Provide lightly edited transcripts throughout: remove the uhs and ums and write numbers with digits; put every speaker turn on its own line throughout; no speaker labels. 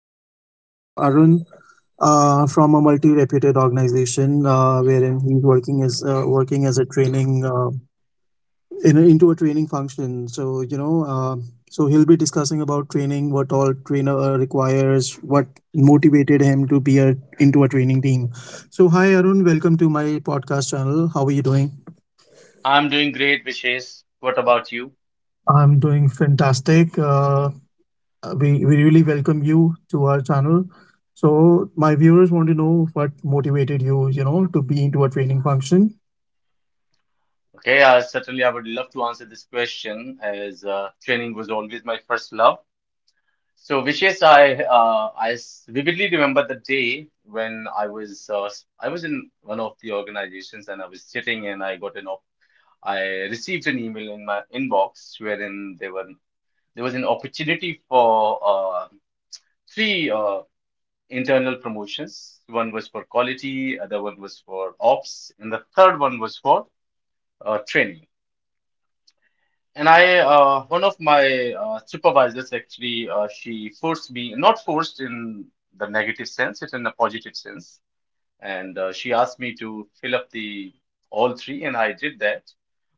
and today I have Arun from a multi-reputed organization, wherein he's working as a training in into a training function. So he'll be discussing about training, what all trainer requires, what motivated him to be into a training team. So, hi Arun, welcome to my podcast channel. How are you doing?
I'm doing great, Vishesh. What about you?
I'm doing fantastic. We really welcome you to our channel. So my viewers want to know what motivated you, to be into a training function.
Okay, certainly I would love to answer this question as training was always my first love. So, Vishesh, vividly remember the day when I was I was in one of the organizations and I was sitting and I received an email in my inbox wherein there was an opportunity for uh, three internal promotions. One was for quality, other one was for ops, and the third one was for training. And one of my supervisors actually, she forced me, not forced in the negative sense, it's in a positive sense, and she asked me to fill up the all three, and I did that.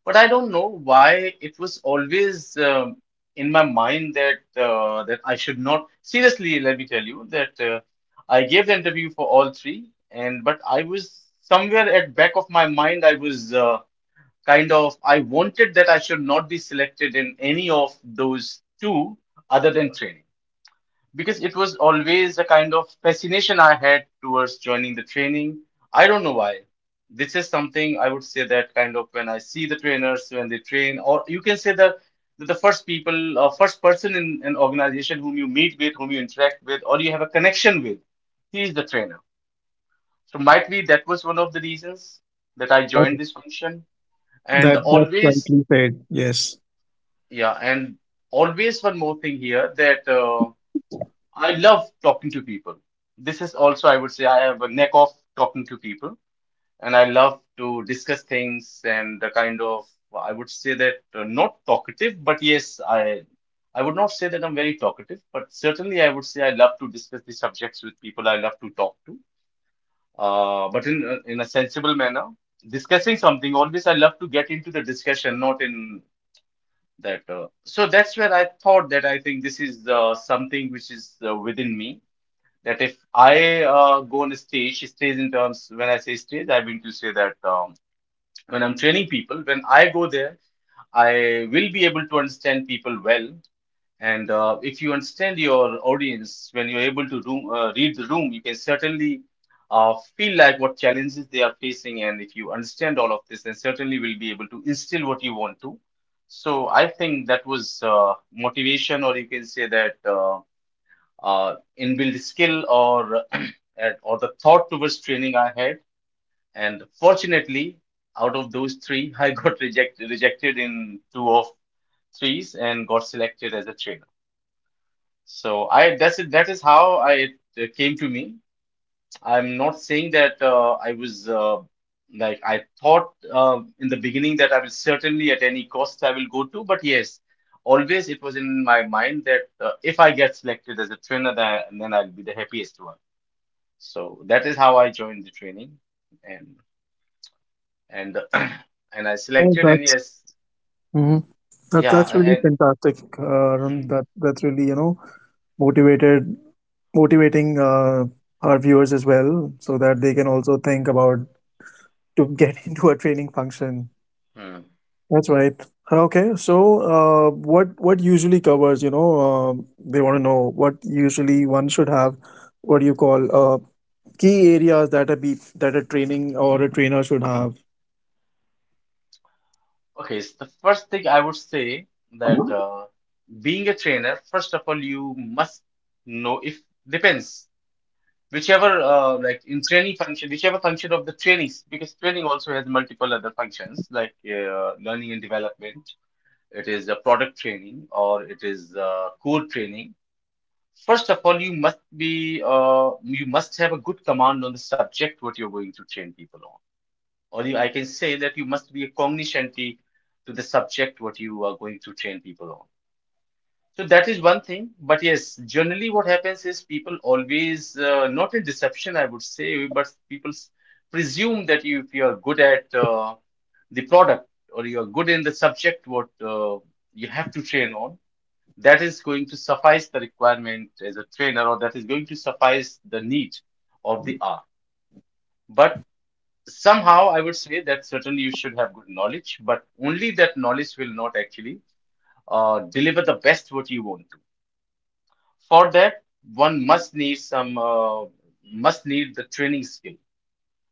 But I don't know why it was always in my mind that that I should not. Seriously, let me tell you that I gave the interview for all three, and but I was, somewhere at back of my mind I was kind of, I wanted that I should not be selected in any of those two other than training, because it was always a kind of fascination I had towards joining the training. I don't know why. This is something I would say that, kind of, when I see the trainers when they train, or you can say that the first people, first person in an organization whom you meet with, whom you interact with, or you have a connection with, he is the trainer. So might be that was one of the reasons that I
Yeah,
joined this function. And
that that's
always,
rightly said. Yes.
yeah, and always one more thing here that. I love talking to people. This is also, I would say, I have a knack of talking to people, and I love to discuss things and the kind of, I would say that not talkative, but yes, I would not say that I'm very talkative, but certainly I would say I love to discuss the subjects with people I love to talk to, but in a sensible manner. Discussing something, always I love to get into the discussion, not in that. So that's where I thought that I think this is something which is within me that if I go on a stage, stage in terms when I say stage, I mean to say that when I'm training people, when I go there, I will be able to understand people well. And if you understand your audience, when you're able to room, read the room, you can certainly feel like what challenges they are facing. And if you understand all of this, then certainly will be able to instill what you want to. So I think that was motivation, or you can say that. Inbuilt skill or or the thought towards training I had. And fortunately, out of those three, I got rejected in two of threes and got selected as a trainer. So I that's it. That is how I it came to me. I'm not saying that I was like I thought in the beginning that I will certainly at any cost I will go to, but yes, always it was in my mind that if I get selected as a trainer, then I'll be the happiest one. So that is how I joined the training, and and and I
No,
selected and
that's
yes,
hmm. That, that's really
yeah,
fantastic, Arun.
and
That's really, you know, motivated motivating our viewers as well, so that they can also think about to get into a training function.
hmm.
That's right. Okay, so what usually covers? They want to know what usually one should have. What do you call key areas that a be that a training or a trainer should have?
Okay, so the first thing I would say that being a trainer, first of all, you must know if depends whichever like in training function, whichever function of the trainings, because training also has multiple other functions like learning and development. It is a product training or it is core training. First of all, you must be you must have a good command on the subject what you're going to train people on. Or you, I can say that you must be a cognoscenti to the subject what you are going to train people on. So that is one thing. But yes, generally what happens is people always not in deception, I would say, but presume that you, if you are good at the product or you are good in the subject what you have to train on, that is going to suffice the requirement as a trainer, or that is going to suffice the need of the hour. But somehow I would say that certainly you should have good knowledge, but only that knowledge will not actually deliver the best what you want to. For that, one must need some must need the training skill,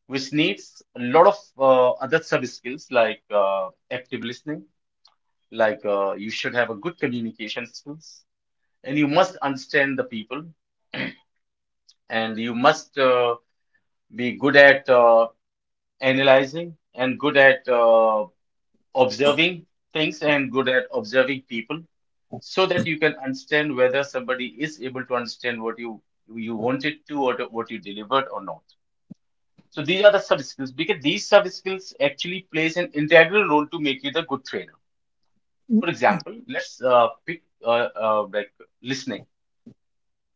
which needs a lot of other sub skills like active listening, like you should have a good communication skills, and you must understand the people, and you must be good at analyzing, and good at observing things, and good at observing people, so that you can understand whether somebody is able to understand what you wanted to, what you delivered or not. So these are the soft skills, because these soft skills actually plays an integral role to make you the good trainer. For example, let's pick like listening.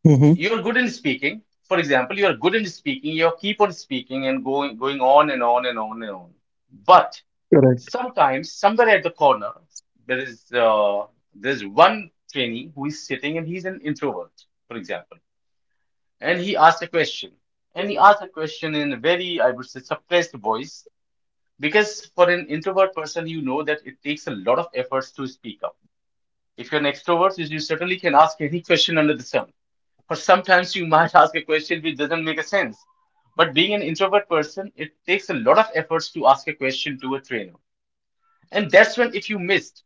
Mm-hmm.
You're good in speaking. For example, you're good in speaking. You keep on speaking and going on and on and on and on. But
Correct.
sometimes, somewhere at the corner, there is there's one trainee who is sitting and he's an introvert, for example, and he asks a question. And he asks a question in a very, I would say, suppressed voice, because for an introvert person, you know that it takes a lot of efforts to speak up. If you're an extrovert, you certainly can ask any question under the sun. Or sometimes you might ask a question which doesn't make a sense. But being an introvert person, it takes a lot of efforts to ask a question to a trainer. And that's when if you missed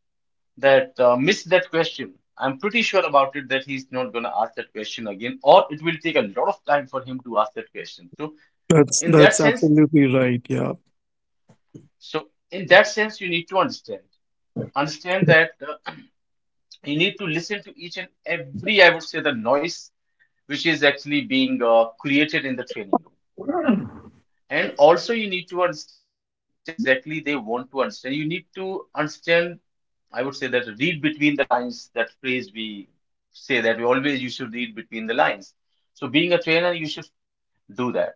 that uh, missed that question, I'm pretty sure about it that he's not gonna ask that question again, or it will take a lot of time for him to ask that question. So in that
That's
sense,
absolutely right. Yeah.
in that sense, you need to understand that uh, you need to listen to each and every, I would say, the noise which is actually being created in the training room. And also, you need to understand what exactly they want to understand. You need to understand, I would say, that read between the lines, that phrase we say that we always you should read between the lines. So, being a trainer, you should do that.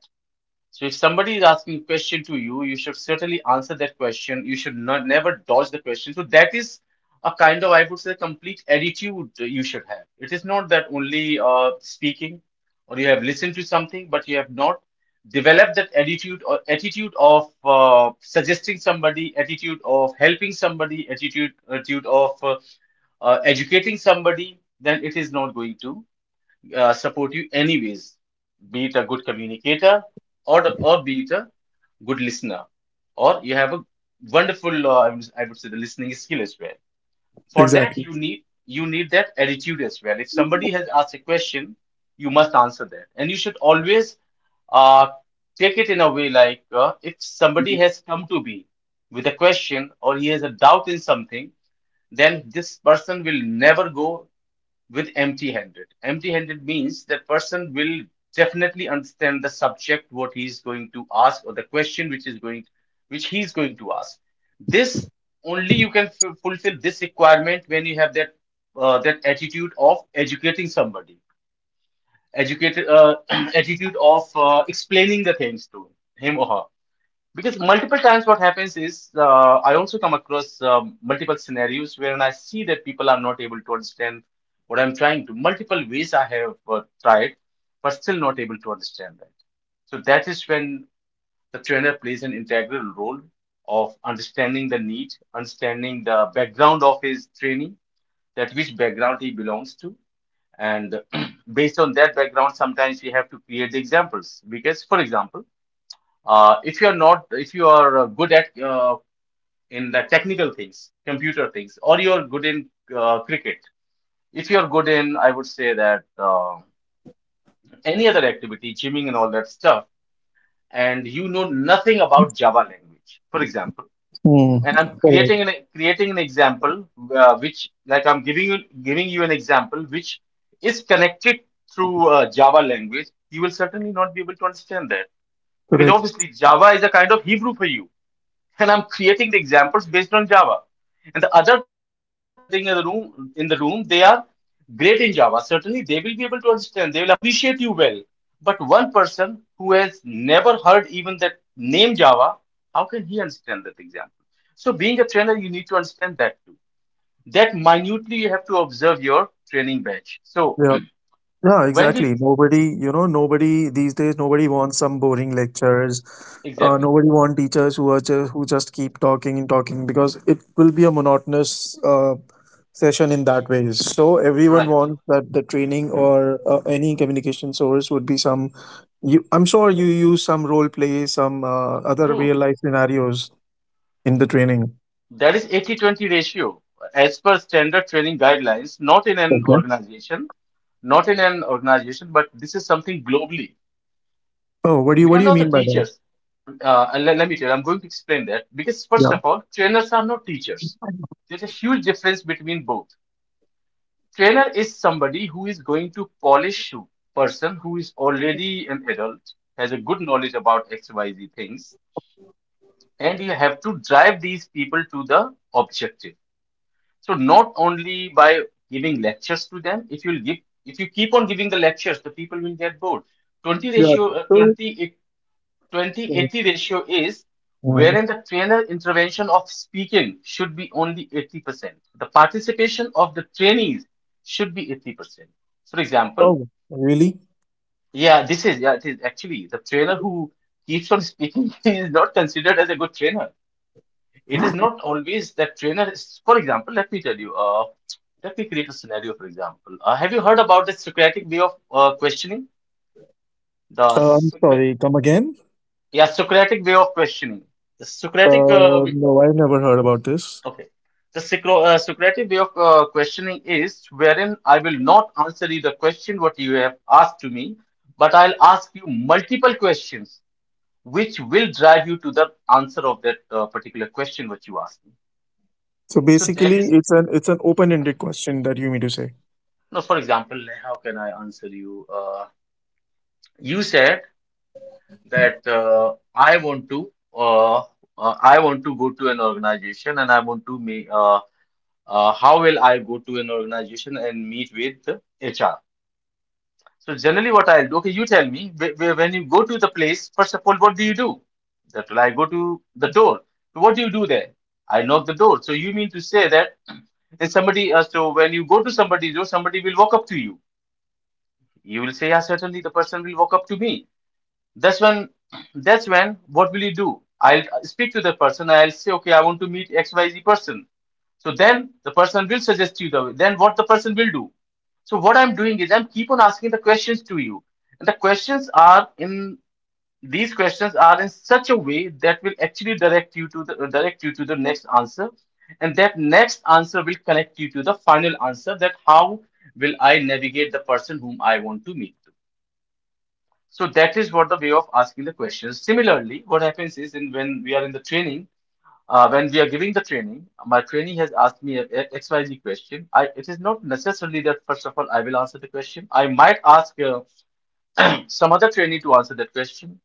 So if somebody is asking a question to you, you should certainly answer that question. You should not never dodge the question. So that is a kind of, I would say, complete attitude you should have. It is not that only speaking or you have listened to something, but you have not developed that attitude, or attitude of suggesting somebody, attitude of helping somebody, attitude of educating somebody. Then it is not going to support you anyways, be it a good communicator, or be it a good listener, or you have a wonderful I would say the listening skill as well. For that,
Exactly.
you need that attitude as well. If somebody has asked a question, you must answer that, and you should always uh, take it in a way like if somebody has come to me with a question, or he has a doubt in something, then this person will never go with empty-handed. Empty-handed means that person will definitely understand the subject, what he is going to ask, or the question which is going, which he is going to ask. This, only you can fulfill this requirement when you have that that attitude of educating somebody, educated attitude of explaining the things to him or her. Because multiple times what happens is I also come across multiple scenarios wherein I see that people are not able to understand what I'm trying to. Multiple ways I have tried, but still not able to understand that. So that is when the trainer plays an integral role of understanding the need, understanding the background of his training, that which background he belongs to, and based on that background, sometimes we have to create the examples. Because, for example. If you are good at in the technical things, computer things, or you're good in cricket, if you're good in, I would say that any other activity, gymming and all that stuff, and you know nothing about Java language, for example,
Hmm.
and I'm
Correct.
creating an example which, like I'm giving you an example which is connected through Java language. You will certainly not be able to understand that because
Correct.
obviously Java is a kind of Hebrew for you, and I'm creating the examples based on Java. And the other 10 people sitting in the room, they are great in Java. Certainly they will be able to understand. They will appreciate you well. But one person who has never heard even that name Java, how can he understand that example? So being a trainer, you need to understand that too. That minutely you have to observe your training batch. So
Yeah. Yeah,
when we,
exactly. Nobody, you know, nobody these days, nobody wants some boring lectures.
exactly,
Nobody want teachers who are just, who just keep talking and talking because it will be a monotonous session in that way. So everyone
right.
wants that the training or any communication source would be some. You, I'm sure you use some role play, some other
True.
real life scenarios in the training.
That is 80-20 ratio as per standard training guidelines,
Okay.
not in an organization, but this is something globally.
Oh, what do
We are
you
not
mean
the
by that?
teachers. Let me tell you, I'm going to explain that because first
Yeah.
of all, trainers are not teachers. There's a huge difference between both. Trainer is somebody who is going to polish you, person who is already an adult, has a good knowledge about XYZ things, and you have to drive these people to the objective. So not only by giving lectures to them, if you give, if you keep on giving the lectures, the people will get bored. 20
Yeah.
ratio, uh,
So.
20, twenty
Uh,
eighty ratio is
oh,
wherein the trainer intervention of speaking should be only 80%. The participation of the trainees should be 80%. For example,
really?
yeah, this is, yeah, it is actually the trainer who keeps on speaking is not considered as a good trainer. It is not always that trainer is, for example, let me tell you, let me create a scenario, for example. Have you heard about the Socratic way of questioning? The
I'm
Socra-
sorry. Come again?
yeah, Socratic way of questioning. The Socratic, uh, way-
No, I've never heard about this.
okay. Socratic way of questioning is wherein I will not answer you the question what you have asked to me, but I'll ask you multiple questions which will drive you to the answer of that particular question what you asked me.
So
So that
basically,
is
it's an open-ended question that you mean to say.
No, for example, like, how can I answer you? You said that I want to go to an organization and I want to make how will I go to an organization and meet with the HR? So generally what I'll do, okay, you tell me when you go to the place, first of all, what do you do? That will I go to the door. So what do you do there? I knock the door. So you mean to say that if somebody, so when you go to somebody's door, somebody will walk up to you. You will say, yeah, certainly the person will walk up to me. That's when, that's when, what will you do? I'll speak to the person. I'll say, okay, I want to meet XYZ person. So then the person will suggest you the way. Then what the person will do. So what I'm doing is I'm keep on asking the questions to you. And these questions are in such a way that will actually direct you to the next answer. And that next answer will connect you to the final answer that how will I navigate the person whom I want to meet. To. So that is what the way of asking the questions. Similarly, what happens is in when we are in the training, when we are giving the training, my trainee has asked me a XYZ question. I it is not necessarily that first of all I will answer the question. I might ask some other trainee to answer that question,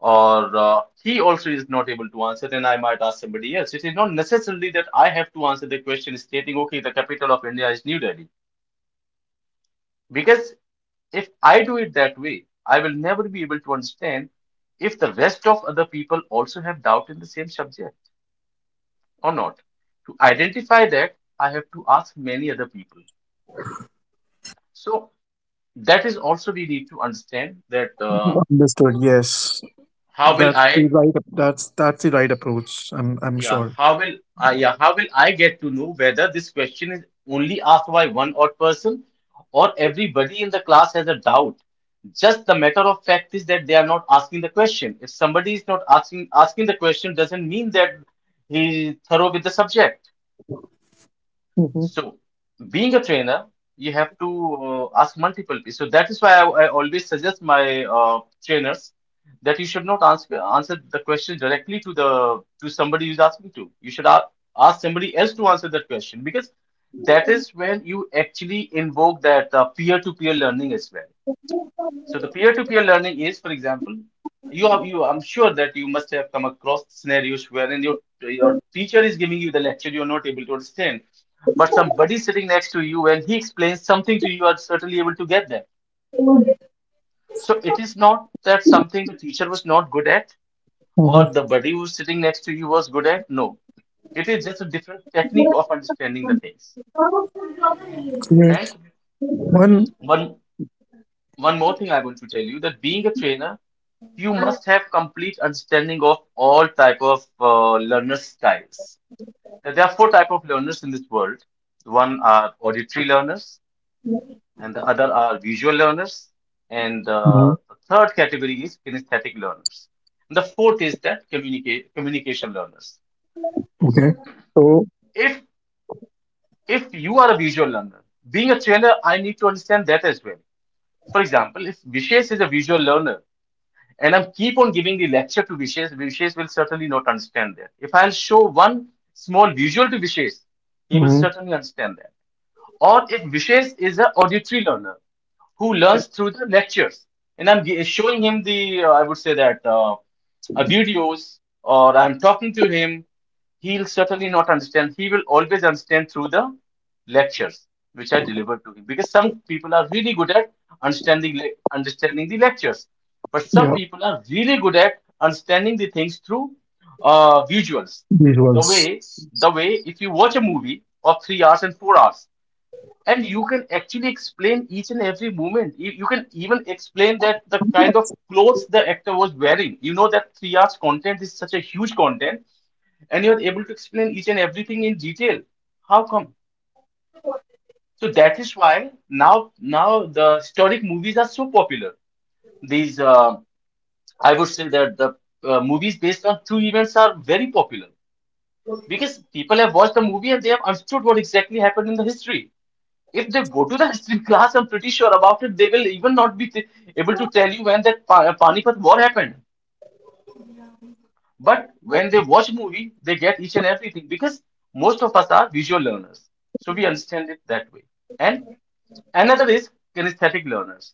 or he also is not able to answer. Then I might ask somebody else. It is not necessarily that I have to answer the question stating, okay, the capital of India is New Delhi because. If I do it that way, I will never be able to understand if the rest of other people also have doubt in the same subject or not. To identify that, I have to ask many other people. So that is also we need to understand that
Understood. Yes,
how will I
that's the right approach. I'm
Yeah,
sure.
how will I get to know whether this question is only asked by one odd person or everybody in the class has a doubt? Just the matter of fact is that they are not asking the question. If somebody is not asking the question, doesn't mean that he is thorough with the subject.
Mm-hmm.
So, being a trainer, you have to ask multiple people. So that is why I always suggest my trainers that you should not answer the question directly to somebody who's asking to. You should ask somebody else to answer that question because that is when you actually invoke that peer-to-peer learning as well. So the peer-to-peer learning is, for example, you have you. I'm sure that you must have come across scenarios wherein your teacher is giving you the lecture you are not able to understand, but somebody sitting next to you and he explains something to you, you are certainly able to get that. So it is not that something the teacher was not good at
Hmm.
or the buddy who is sitting next to you was good at. No, it is just a different technique of understanding the things. And
One.
one one more thing I want to tell you that being a trainer you must have complete understanding of all type of learner styles. Now, there are four type of learners in this world. One are auditory learners, and the other are visual learners, and
Mhm.
the third category is kinesthetic learners. And the fourth is that communicate communication learners.
Okay.
So
So,
if if you are a visual learner, being a trainer, I need to understand that as well. For example, if Vishesh is a visual learner, and I keep on giving the lecture to Vishesh, Vishesh will certainly not understand that. If I'll show one small visual to Vishesh, he will
mhm,
certainly understand that. Or if Vishesh is an auditory learner who learns through the lectures, and showing him the, I would say that videos, or I'm talking to him, he'll certainly not understand. He will always understand through the lectures which are delivered to him, because some people are really good at understanding understanding the lectures, but some
yeah,
people are really good at understanding the things through visuals. The
visuals.
way the way if you watch a movie of 3 hours and 4 hours and you can actually explain each and every moment. You can even explain that the kind of clothes the actor was wearing. You know that 3 hours content is such a huge content, and you're able to explain each and everything in detail. How come? So that is why now the historic movies are so popular. These I would say that the movies based on true events are very popular because people have watched the movie and they have understood what exactly happened in the history. If they go to the history class, I'm pretty sure about it, they will even not be able to tell you when that Panipat war happened. But when they watch movie, they get each and everything because most of us are visual learners. So we understand it that way. And another is kinesthetic learners.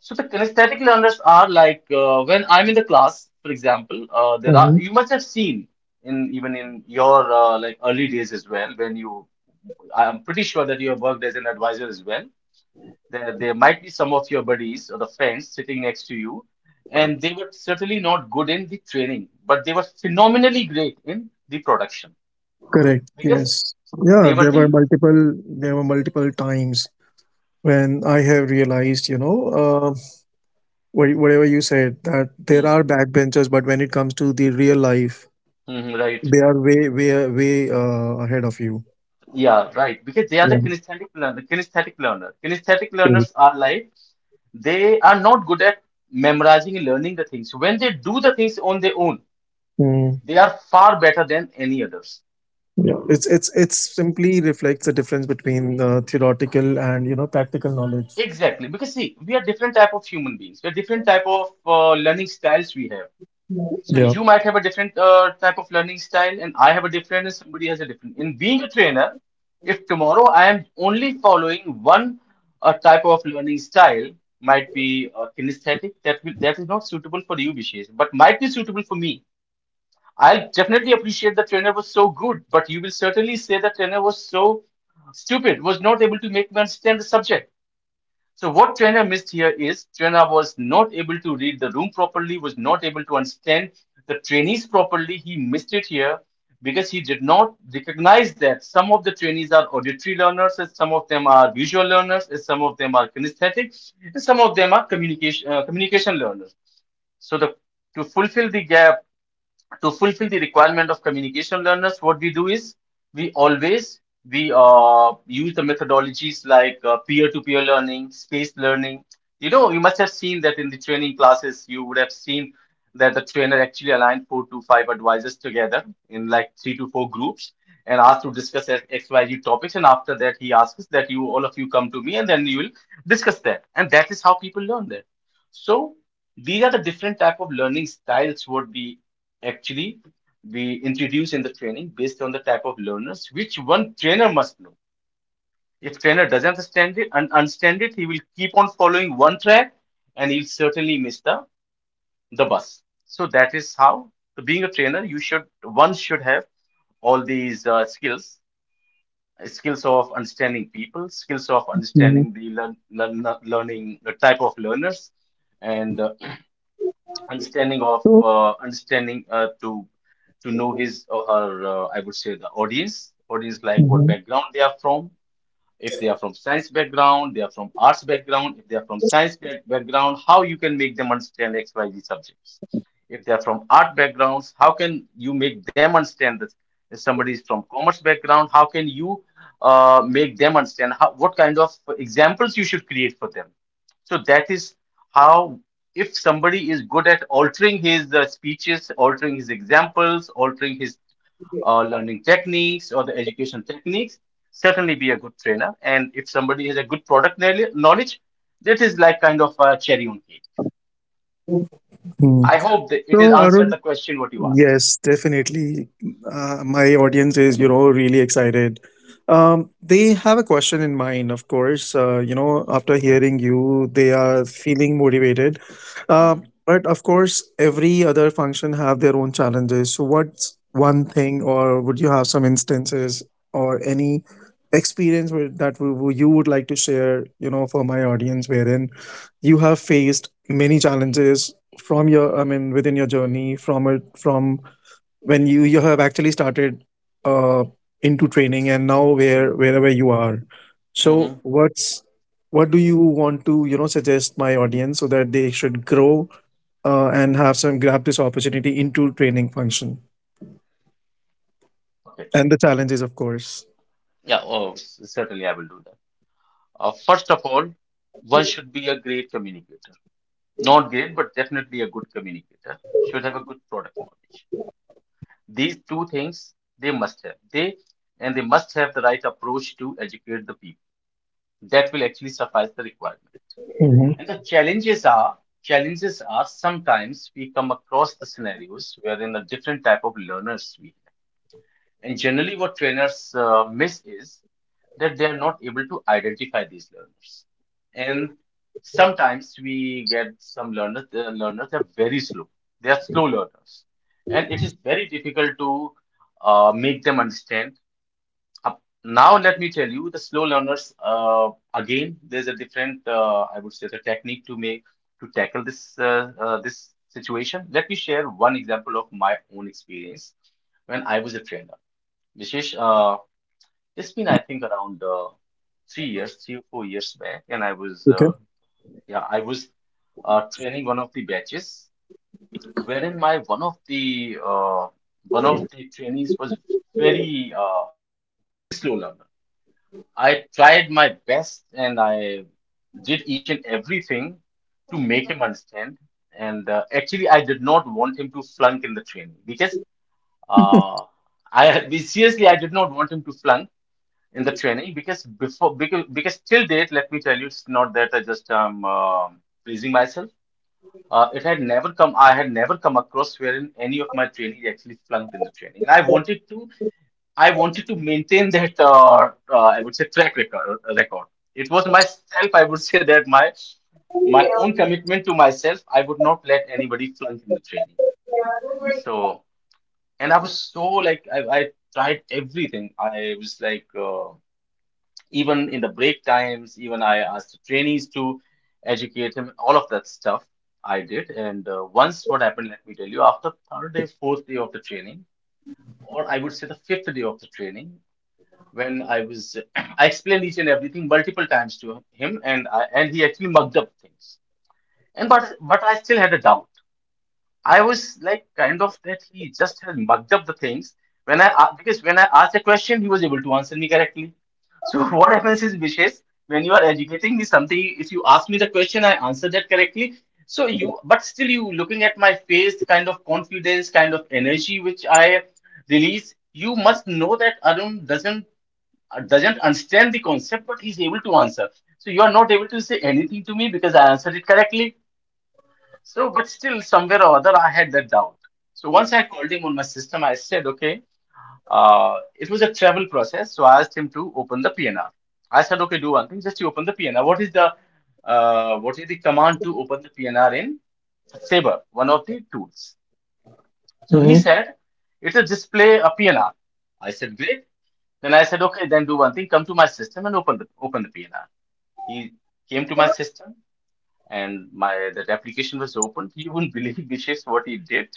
So the kinesthetic learners are like when I'm in the class, for example, there are
Mhm.
you must have seen in even in your like early days as well when you I'm pretty sure that you have worked as an advisor as well. There might be some of your buddies or the friends sitting next to you, and they were certainly not good in the training, but they were phenomenally great in the production
Correct.
because
Yes. Yeah,
they were
there were
the
multiple. There were multiple times when I have realized, you know, wha- whatever you said, that there
hmm,
are backbenchers, but when it comes to the real life,
right.
they are way, way, way ahead of you.
Yeah, right. Because they are the
Yeah,
kinesthetic learner. Kinesthetic
great.
learners are like they are not good at memorizing and learning the things. When they do the things on their own,
Mm,
they are far better than any others.
yeah, it's simply reflects the difference between theoretical and, you know, practical knowledge.
Exactly, because see, we are different type of human beings. We are different type of learning styles we have. So
Yeah.
you might have a different type of learning style, and I have a different, and somebody has a different. In being a trainer, if tomorrow I am only following one type of learning style, might be kinesthetic, that is not suitable for you, Vishesh, but might be suitable for me. I'll definitely appreciate the trainer was so good, but you will certainly say the trainer was so stupid, was not able to make me understand the subject. So what Trainer missed here is Trainer was not able to read the room properly, was not able to understand the trainees properly. He missed it here because he did not recognize that some of the trainees are auditory learners, and some of them are visual learners, and some of them are kinesthetic, and some of them are communication learners. So the To fulfill the gap, to fulfill the requirement of communication learners, what we do is we always we use the methodologies like peer-to-peer learning, spaced learning. You know, you must have seen that in the training classes, you would have seen that the trainer actually aligned 4 to 5 advisors together in like 3 to 4 groups and asked to discuss XYZ topics. And after that, he asks that you all of you come to me and then you will discuss that. And that is how people learn that. So these are the different type of learning styles what we actually we introduce in the training based on the type of learners which one trainer must know. If trainer doesn't understand it and understand it, he will keep on following one track and he'll certainly miss the bus. So that is how, so being a trainer, you should one should have all these skills, skills of understanding people, skills of
Mhm.
understanding the learning the type of learners, and understanding of understanding to know his or her, I would say, the audience, like what background they are from. If they are from science background, they are from arts background, if they are from background, how you can make them understand XYZ subjects. If they are from art backgrounds, how can you make them understand this? If somebody is from commerce background, how can you make them understand how, what kind of examples you should create for them? So that is how, if somebody is good at altering his speeches, altering his examples, altering his or learning techniques or the education techniques, certainly be a good trainer. And if somebody has a good product knowledge, that is like kind of a cherry on cake.
Mhm.
I hope that it has
So Arun,
answered the question what you asked.
yes, definitely. My audience is, you know, really excited. They have a question in mind, of course. You know, after hearing you, they are feeling motivated. Uh,
Mm-hmm.
but of course, every other function have their own challenges. So, what's one thing, or would you have some instances or any experience with, that you would like to share, you know, for my audience, wherein you have faced many challenges from your within your journey from when you have actually started uh into training and now wherever you are. So
Mm-hmm.
what's what do you want to, you know, suggest my audience so that they should grow and have some grab this opportunity into training function
Okay.
and the challenges, of course.
Yeah, oh, certainly I will do that. First of all, one should be a great communicator. Not great, but definitely a good communicator. Should have a good product knowledge. These two things they must have. They and they must have the right approach to educate the people, that will actually suffice the requirement.
Hmm.
And the challenges are, challenges are sometimes we come across the scenarios wherein a different type of learners we have. And generally, what trainers miss is that they are not able to identify these learners. And sometimes we get some learners, the learners are very slow. They are slow learners. And it is very difficult to make them understand Now let me tell you, the slow learners, again, there's a different, I would say, the technique to make to tackle this this situation. Let me share one example of my own experience when I was a trainer. Vishesh, it's been I think around 3 years, 3 or 4 years back, and I was,
Okay.
yeah, I was training one of the batches, wherein my one of the trainees was very very slow learner. I tried my best and I did each and everything to make him understand. And actually, I did not want him to flunk in the training because uh, seriously I did not want him to flunk in the training because before because till date, let me tell you, it's not that I just pleasing myself. It had never come. I had never come across wherein any of my trainees actually flunked in the training, and I wanted to. I wanted to maintain that I would say track record. Record. It was myself. I would say that my own commitment to myself. I would not let anybody flunk in the training. So, and I was so like I tried everything. I was like even in the break times. Even I asked the trainees to educate him. All of that stuff I did. And once what happened, let me tell you. After third day, fourth day of the training, or I would say the fifth day of the training, when I was I explained each and everything multiple times to him and I, and he actually mugged up things. And but I still had a doubt. I was like kind of that he just had mugged up the things when because when I asked a question he was able to answer me correctly. So what happens is Vishesh, when you are educating me something, if you ask me the question I answer that correctly. So you, but still you looking at my face, the kind of confidence, kind of energy which I release, you must know that Arun doesn't understand the concept, but he's able to answer. So you are not able to say anything to me because I answered it correctly. So, but still, somewhere or other, I had that doubt. So once I called him on my system, I said, okay, it was a travel process. So I asked him to open the PNR. I said, okay, do one thing, just you open the PNR. What is the command to open the PNR in Sabre, one of the tools? So he
Hmm.
said, it's a display, a PNR. I said, great. Then I said, okay, then do one thing, come to my system and open open the PNR. He came to my system and my that application was opened. You wouldn't believe Vishesh what he did.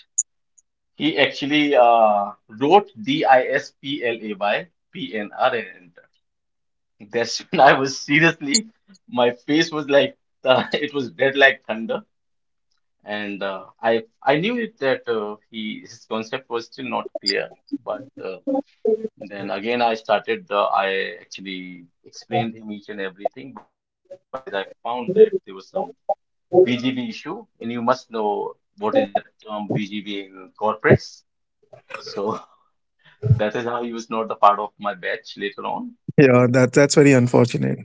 He actually wrote DISPLAYPNR and entered. That's when I was seriously, my face was like, it was red like thunder. And I knew it that he his concept was still not clear, but. Then again, I started the, I actually explained him each and everything, but after a few days, I found that there was some BGV issue, and you must know what is that term BGV in corporates. So that is how he was not a part of my batch later on.
Yeah, that that's very unfortunate.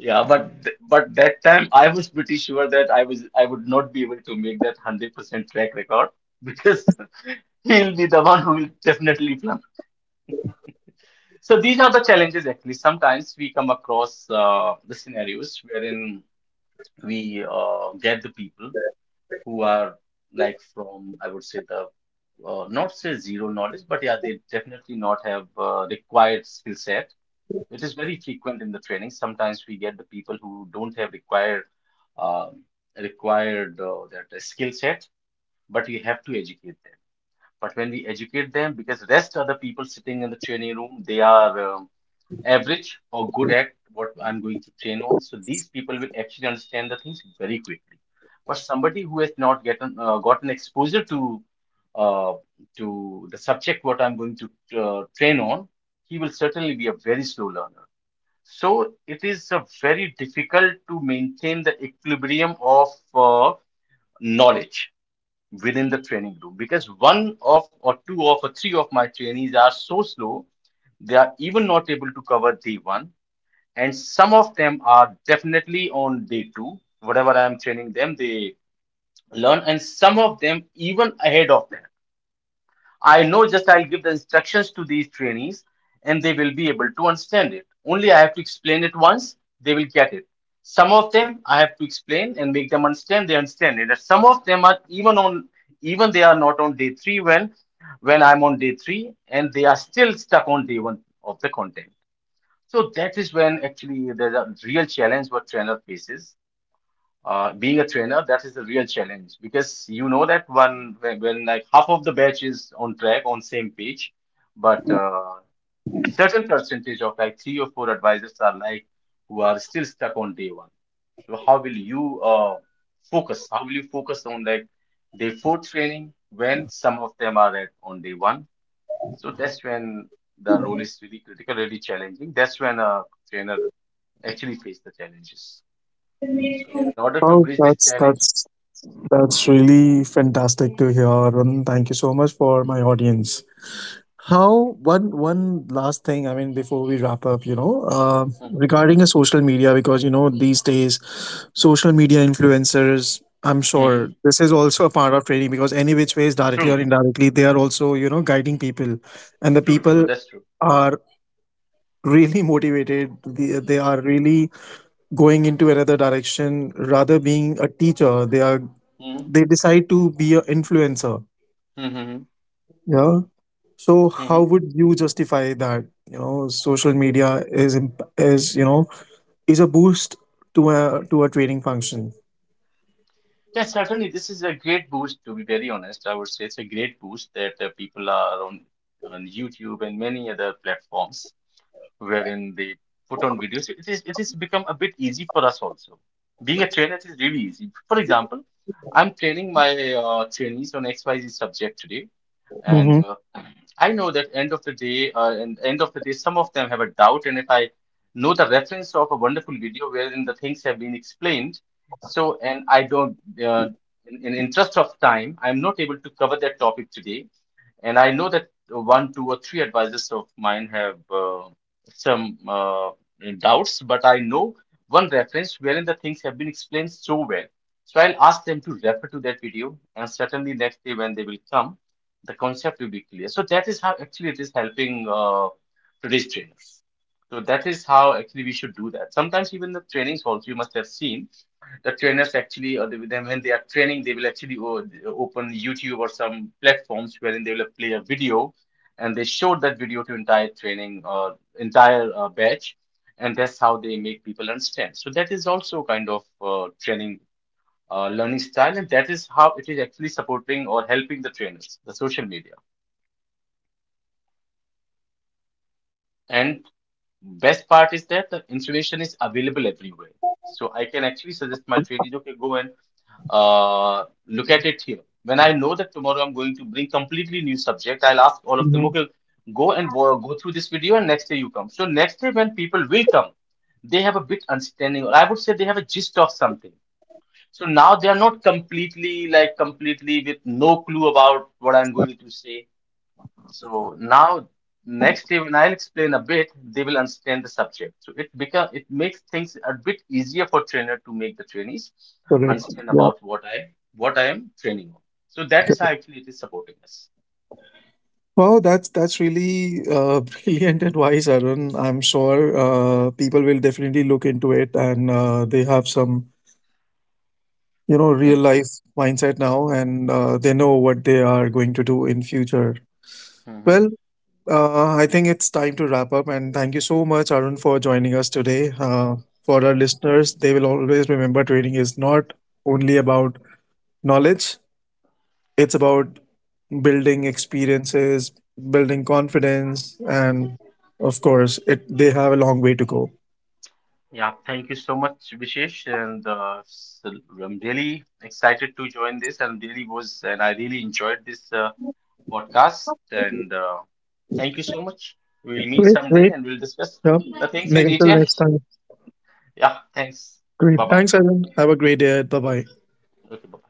Yeah, but but that time I was pretty sure that I would not be able to make that 100% track record because he'll be the one who will definitely. So these are the challenges actually. Sometimes we come across the scenarios wherein we get the people who are like from, I would say the not say zero knowledge, but yeah, they definitely not have required skill set. It is very frequent in the training. Sometimes we get the people who don't have required um required that skill set, but we have to educate them. But when we educate them, because rest are the people sitting in the training room, they are average or good at what I'm going to train on. So these people will actually understand the things very quickly. But somebody who has not gotten gotten exposure uh, to the subject what I'm going to train on, he will certainly be a very slow learner. So it is a very difficult to maintain the equilibrium of uh, knowledge within the training room because one of or two of or three of my trainees are so slow they are even not able to cover day one, and some of them are definitely on day two, whatever I am training them they learn, and some of them even ahead of that. I know just I'll give the instructions to these trainees and they will be able to understand it, only I have to explain it once they will get it. Some of them I have to explain and make them understand, they understand it, and some of them are even on, even they are not on day three when I'm on day three and they are still stuck on day one of the content. So that is when actually there's a real challenge what trainer faces. Being a trainer, that is the real challenge because you know that one when like half of the batch is on track on same page, but certain percentage of like three or four advisors are like who are still stuck on day one. So how will you focus? How will you focus on like day four training when some of them are at on day one? So that's when the role is really critical, really challenging. That's when a trainer actually face the challenges. So, in order to
oh
bridge this
that's
challenge,
that's That's really fantastic to hear, Arun. Thank you so much for my audience. How, one last thing, I mean, before we wrap up, you know,
mhm, mhm,
regarding a social media, because you know these days, social media influencers. I'm sure
mhm.
this is also a part of training because any which ways, directly or
True,
indirectly, they are also, you know, guiding people, and the
true, true,
people
that's true.
are really motivated. They are really going into another direction rather being a teacher. They are
Mhm,
they decide to be an influencer.
mhm,
Yeah. So how
mhm.
would you justify that, you know, social media is is, you know, is a boost to a to a training function?
Yeah, certainly, this is a great boost. To be very honest, I would say it's a great boost that people are on YouTube and many other platforms wherein they put on videos. It has become a bit easy for us also. Being a trainer it is really easy. For example, I'm training my trainees on XYZ subject today,
Mm-hmm.
and I know that end of the day, and end of the day, some of them have a doubt, and if I know the reference of a wonderful video wherein the things have been explained, so and I don't, uh, in interest of time, I'm not able to cover that topic today, and I know that one, two, or three advisors of mine have. Some doubts, but I know one reference wherein the things have been explained so well. So I'll ask them to refer to that video, and certainly next day when they will come, the concept will be clear. So that is how actually it is helping today's trainers. So that is how actually we should do that. Sometimes even the trainings also you must have seen the trainers actually or they, then when they are training they will actually open YouTube or some platforms wherein they will play a video and they showed that video to entire training or entire batch, and that's how they make people understand. So that is also kind of training learning style, and that is how it is actually supporting or helping the trainers, the social media. Best part is that the information is available everywhere. So I can actually suggest my trainees, okay, go and look at it here. When I know that tomorrow I'm going to bring completely new subject, I'll ask all of them,
Mm-hmm.
okay, go and go through this video and next day you come. So next day when people will come, they have a bit understanding, or I would say they have a gist of something. So now they are not completely completely with no clue about what I'm going to say, so now, next day when I'll explain a bit, they will understand the subject. So it makes things a bit easier for trainer to make the trainees
Correct.
understand
Yeah.
about what I am training on. So that is how
Correct.
actually it is supporting us.
Wow, that's really brilliant advice, Arun. I'm sure people will definitely look into it, and they have some, you know, real
Hmm.
life mindset now, and they know what they are going to do in future. Well,
Hmm.
I think it's time to wrap up, and thank you so much Arun for joining us today. Uh, for our listeners, they will always remember trading is not only about knowledge, it's about building experiences, building confidence, and of course it they have a long way to go.
Yeah, thank you so much, Vishesh, and so I'm really excited to join this, and really was, and I really enjoyed this podcast. And thank you so much. We'll meet
Great,
someday,
great.
and we'll discuss
Yeah.
the things in
Until
detail.
next time.
Yeah, thanks.
Great,
Bye bye.
thanks Arun, have a great day, bye bye.
Okay, bye.